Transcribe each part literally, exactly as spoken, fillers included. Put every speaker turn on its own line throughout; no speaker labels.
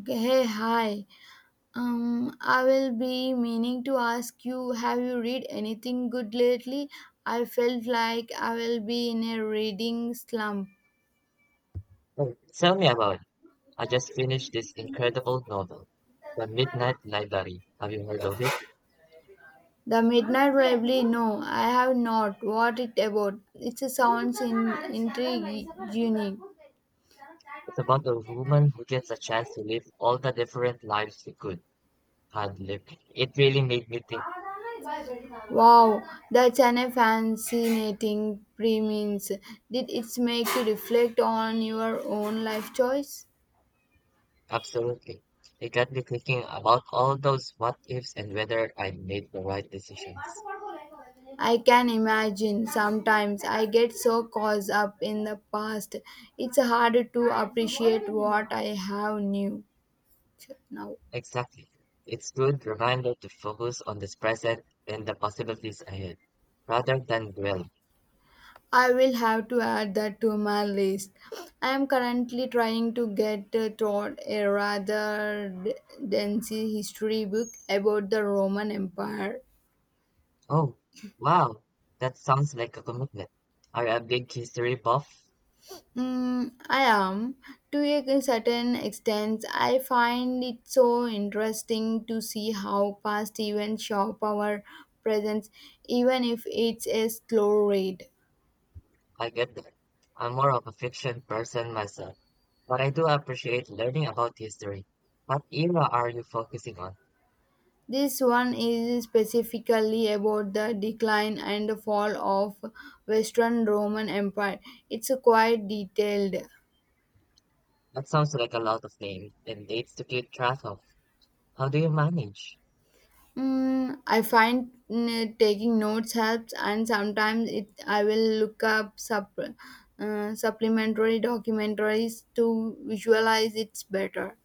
Okay, hey, hi. Um, I will be meaning to ask you, have you read anything good lately? I felt like I will be in a reading slump.
Oh, tell me about it. I just finished this incredible novel, The Midnight Library. Have you heard of it?
The Midnight Library? No, I have not. What it about? It sounds in, intriguing.
It's about a woman who gets a chance to live all the different lives she could have lived. It really made me think,
Wow, that's an a fascinating premise. Did it make you reflect on your own life choice?
absolutely. It got me thinking about all those what ifs and whether I made the right decisions.
I can imagine sometimes I get so caught up in the past. It's hard to appreciate what I have new now.
Exactly. It's good reminder to focus on this present and the possibilities ahead, rather than dwell.
I will have to add that to my list. I am currently trying to get uh, taught a rather d- dense history book about the Roman Empire.
Oh, wow. That sounds like a commitment. Are you a big history buff?
Mm, I am. To a certain extent, I find it so interesting to see how past events shape our present, even if it's a slow rate.
I get that. I'm more of a fiction person myself, but I do appreciate learning about history. What era are you focusing on?
This one is specifically about the decline and the fall of Western Roman Empire. It's quite detailed.
That sounds like a lot of names and dates to keep track of. How do you manage?
Mm, I find mm, taking notes helps, and sometimes it I will look up sup, uh, supplementary documentaries to visualize it's better.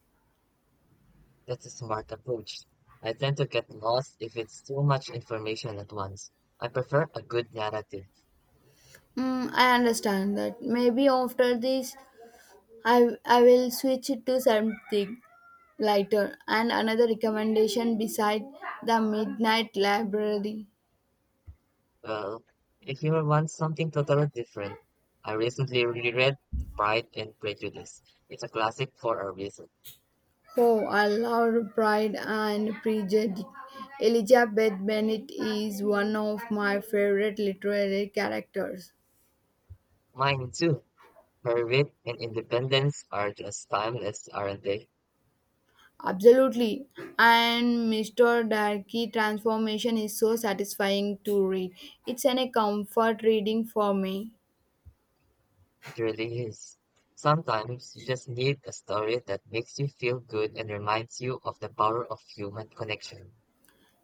That's a smart approach. I tend to get lost if it's too much information at once. I prefer a good narrative.
Mm, I understand that. Maybe after this, I I will switch it to something lighter. And another recommendation beside the Midnight Library.
Well, if you want something totally different, I recently reread Pride and Prejudice. It's a classic for a reason.
Oh, I love Pride and Prejudice. Elizabeth Bennet is one of my favorite literary characters.
Mine too. Her wit and independence are just timeless, aren't they?
Absolutely. And mister Darkey transformation is so satisfying to read. It's an a comfort reading for me.
It really is. Sometimes you just need a story that makes you feel good and reminds you of the power of human connection.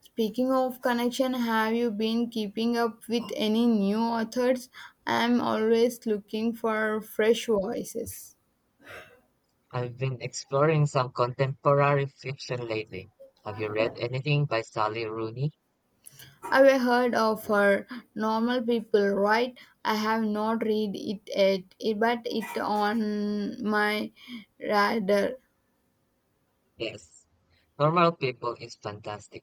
Speaking of connection, have you been keeping up with any new authors? I'm always looking for fresh voices.
I've been exploring some contemporary fiction lately. Have you read anything by Sally Rooney?
Have you heard of her normal people, right? I have not read it yet, it- but it's on my radar.
Yes, Normal People is fantastic.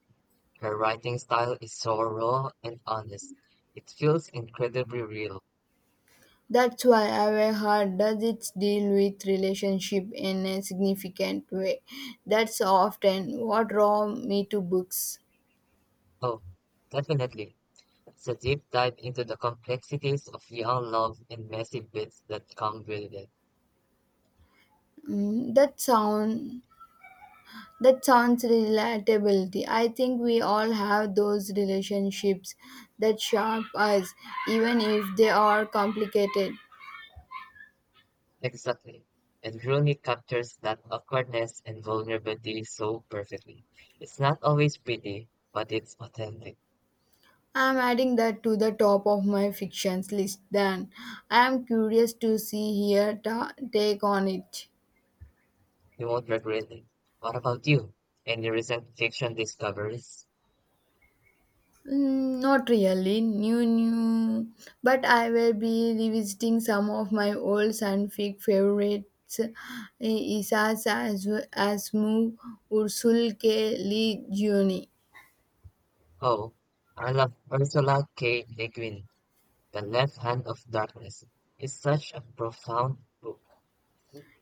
Her writing style is so raw and honest. It feels incredibly real.
That's why I heard does it deal with relationship in a significant way. That's often what draw me to books.
Oh, definitely. It's a deep dive into the complexities of young love and messy bits that come with it.
Mm, that sound that sounds relatability. I think we all have those relationships that shape us, even if they are complicated.
Exactly. And Rooney captures that awkwardness and vulnerability so perfectly. It's not always pretty, but it's authentic.
I'm adding that to the top of my fictions list then. I am curious to see here ta- take on it.
You won't regret it. What about you? Any recent fiction discoveries?
Mm, not really new new but I will be revisiting some of my old scientific favorites eh, Isaac as Asimov, Ursul K. Le Guin.
Oh, I love Ursula K. Le Guin. The Left Hand of Darkness is such a profound book.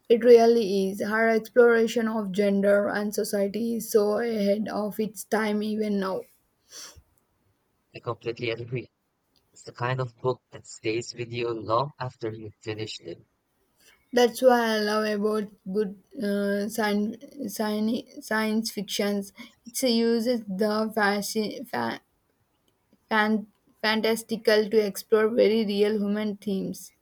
It really is. Her exploration of gender and society is so ahead of its time even now.
I completely agree. It's the kind of book that stays with you long after you finish it.
That's what I love about good uh, science, science, fictions. It uses the fasci- fa- fan- fantastical to explore very real human themes.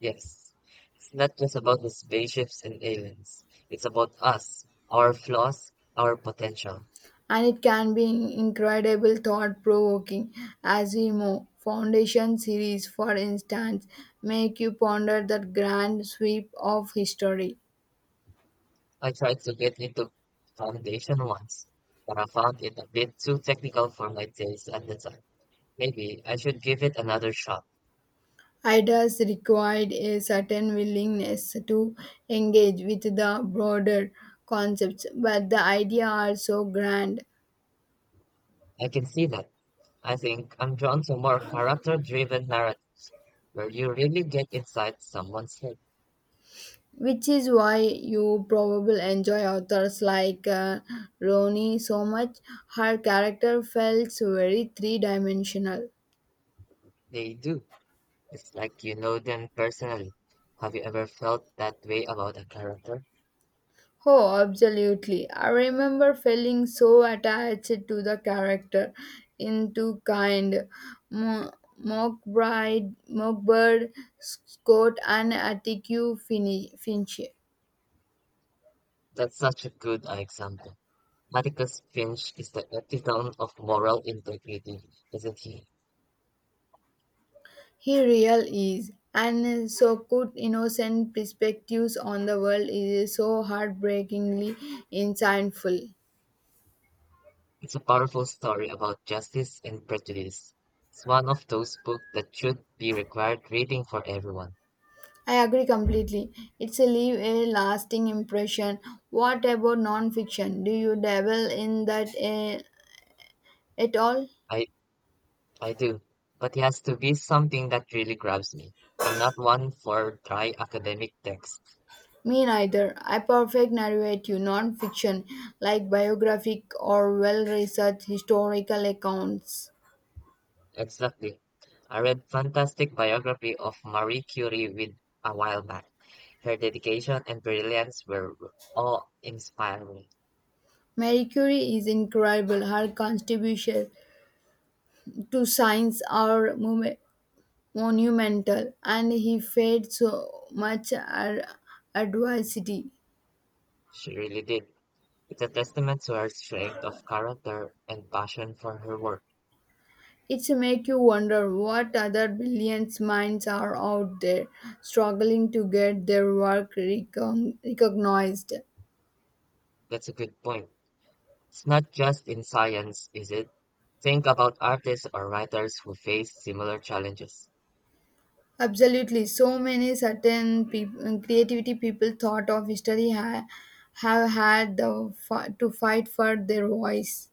Yes, it's not just about the spaceships and aliens. It's about us, our flaws, our potential.
And it can be incredible thought provoking. Asimo Foundation series, for instance, make you ponder the grand sweep of history.
I tried to get into Foundation once, but I found it a bit too technical for my taste at the time. Maybe I should give it another shot.
Ideas require a certain willingness to engage with the broader concepts, but the idea are so grand,
I can see that. I think I'm drawn to more character-driven narrative where you really get inside someone's head.
which is why you probably enjoy authors like uh, Roni so much. Her character felt very three dimensional.
They do. It's like you know them personally. Have you ever felt that way about a character?
Oh, absolutely. I remember feeling so attached to the character into kind Mo- Mockbride, Mockbird, Scott, and Atticus Fin- Finch.
That's such a good example. Atticus Finch is the epitome of moral integrity, isn't he?
He real is, and so good innocent perspectives on the world is so heartbreakingly insightful.
It's a powerful story about justice and prejudice. It's one of those books that should be required reading for everyone.
I agree completely. It's a leave a lasting impression. What about non-fiction? Do you dabble in that eh, at all?
I I do, but it has to be something that really grabs me. I'm not one for dry academic texts.
Me neither. I perfect narrative non-fiction like biographic or well-researched historical accounts.
Exactly. I read fantastic biography of Marie Curie with a while back. Her dedication and brilliance were awe-inspiring.
Marie Curie is incredible. Her contribution to science are mom- monumental, and he fed so much ad- adversity.
She really did. It's a testament to her strength of character and passion for her work.
It's make you wonder what other brilliant minds are out there struggling to get their work recon- recognized.
That's a good point. It's not just in science, is it? Think about artists or writers who face similar challenges.
Absolutely, so many certain people, creativity people thought of history ha- have had the f- to fight for their voice.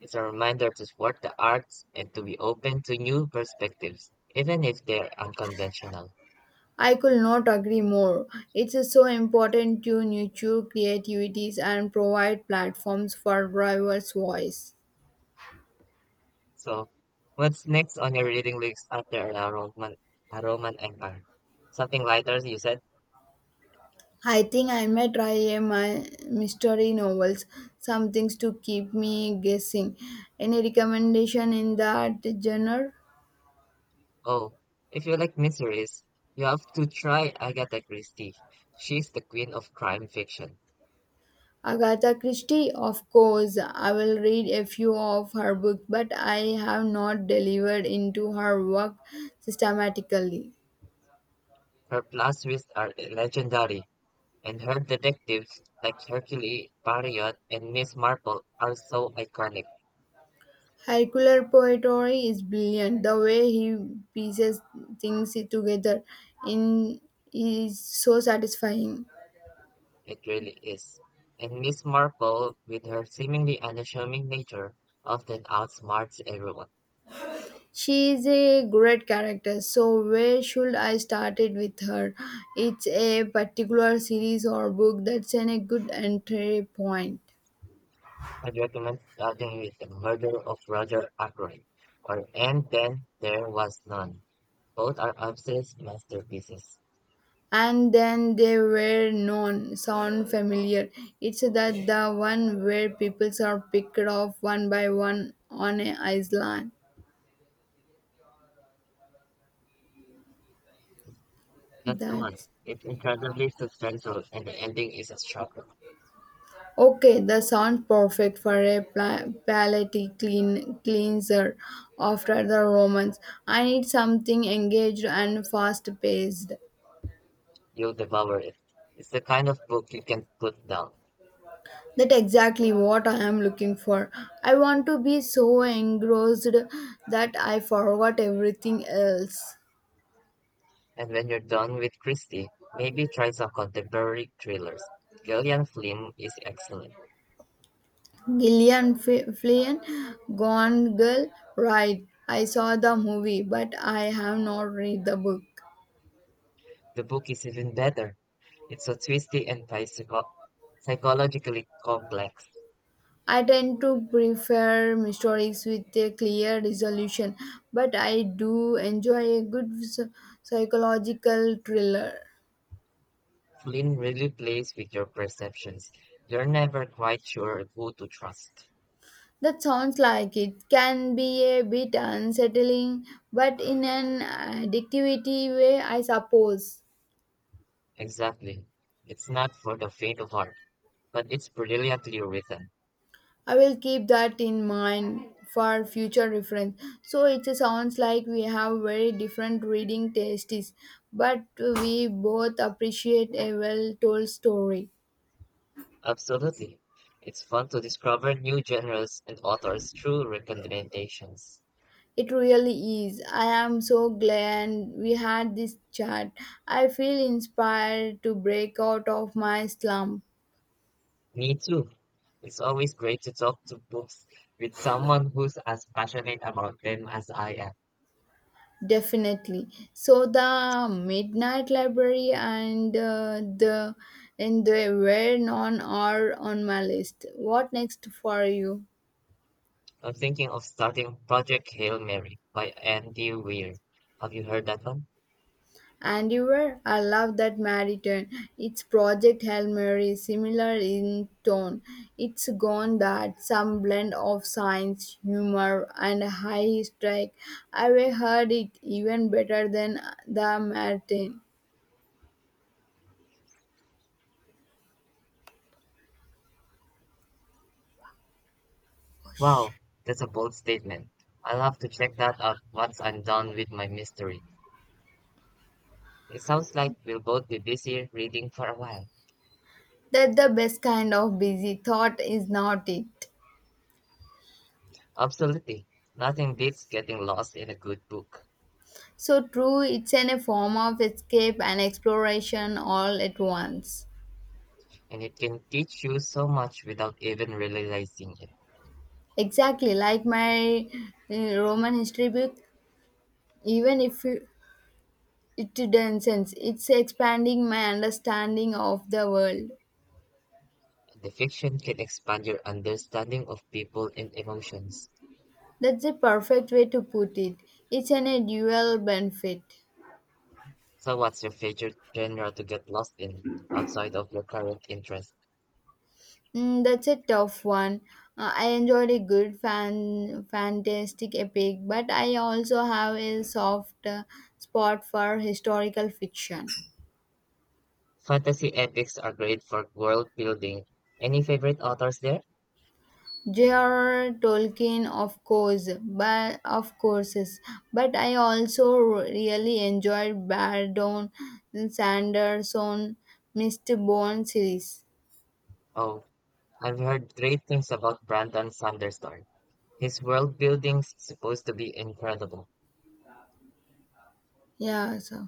It's a reminder to support the arts and to be open to new perspectives, even if they're unconventional.
I could not agree more. It's uh, so important to nurture creativities and provide platforms for diverse voice.
So, what's next on your reading list after a Roman, a Roman Empire? Something lighter, you said?
I think I may try a my mystery novels, some things to keep me guessing. Any recommendation in that genre?
Oh, if you like mysteries, you have to try Agatha Christie. She's the queen of crime fiction.
Agatha Christie, of course. I will read a few of her books, but I have not delivered into her work systematically.
Her plot twists are legendary, and her detectives like Hercule Poirot and Miss Marple are so iconic.
Hercule Poirot is brilliant. The way he pieces things together in is so satisfying.
It really is. And Miss Marple, with her seemingly unassuming nature, often outsmarts everyone.
She is a great character. So where should I start it with her? It's a particular series or book that's an, a good entry point.
I'd recommend starting with the murder of Roger Ackroyd, or And Then There Was None. Both are Upsell's masterpieces.
And then they were known sound familiar, it's that the one where people are picked off one by one on a island,
That's the one.
that's
It's incredibly substantial and the ending is a shocker.
okay the sound perfect for a pla- palate clean cleanser after the romans, I need something engaged and fast paced,
You'll devour it. It's the kind of book you can put down.
that exactly what I am looking for, I want to be so engrossed that I forgot everything else.
And when you're done with Christie, maybe try some contemporary thrillers. Gillian Flynn is excellent.
Gillian F- Flynn, Gone Girl, right. I saw the movie, but I have not read the book.
The book is even better. It's so twisty and psycho- psychologically complex.
I tend to prefer mysteries with a clear resolution, but I do enjoy a good psy- psychological thriller.
Flynn really plays with your perceptions. You're never quite sure who to trust.
That sounds like it can be a bit unsettling, but in an addictivity way, I suppose.
Exactly. It's not for the faint of heart, but it's brilliantly written.
I will keep that in mind for future reference. So it sounds like we have very different reading tastes, but we both appreciate a well told story.
Absolutely. It's fun to discover new genres and authors through recommendations.
It really is. I am so glad we had this chat. I feel inspired to break out of my slump.
Me too. It's always great to talk to books with someone who's as passionate about them as I am.
Definitely. So the Midnight Library and uh, the and they were on are on my list. What next for you?
I'm thinking of starting Project Hail Mary by Andy Weir. Have you heard that one?
And you were? I love that Mariton. It's Project Hail Mary, similar in tone. It's gone that some blend of science, humor, and high strike. I have heard it even better than the Martin.
Wow, that's a bold statement. I'll have to check that out once I'm done with my mystery. It sounds like we'll both be busy reading for a while.
That the best kind of busy thought is not it.
Absolutely. Nothing beats getting lost in a good book.
So true, it's in a form of escape and exploration all at once.
And it can teach you so much without even realizing it.
Exactly, like my uh, Roman history book, even if you- it densens, it's expanding my understanding of the world.
The fiction can expand your understanding of people and emotions.
That's a perfect way to put it. It's an a dual benefit.
So what's your favorite genre to get lost in outside of your current interest?
Mm, that's a tough one. Uh, I enjoyed a good fan, fantastic epic, but I also have a soft uh, spot for historical fiction.
Fantasy epics are great for world building. Any favorite authors there?
J R R. Tolkien, of course, but of courses, but I also really enjoyed Brandon Sanderson mister Mistborn series.
Oh, I've heard great things about Brandon Sanderson. His world building's supposed to be incredible.
Yeah, so.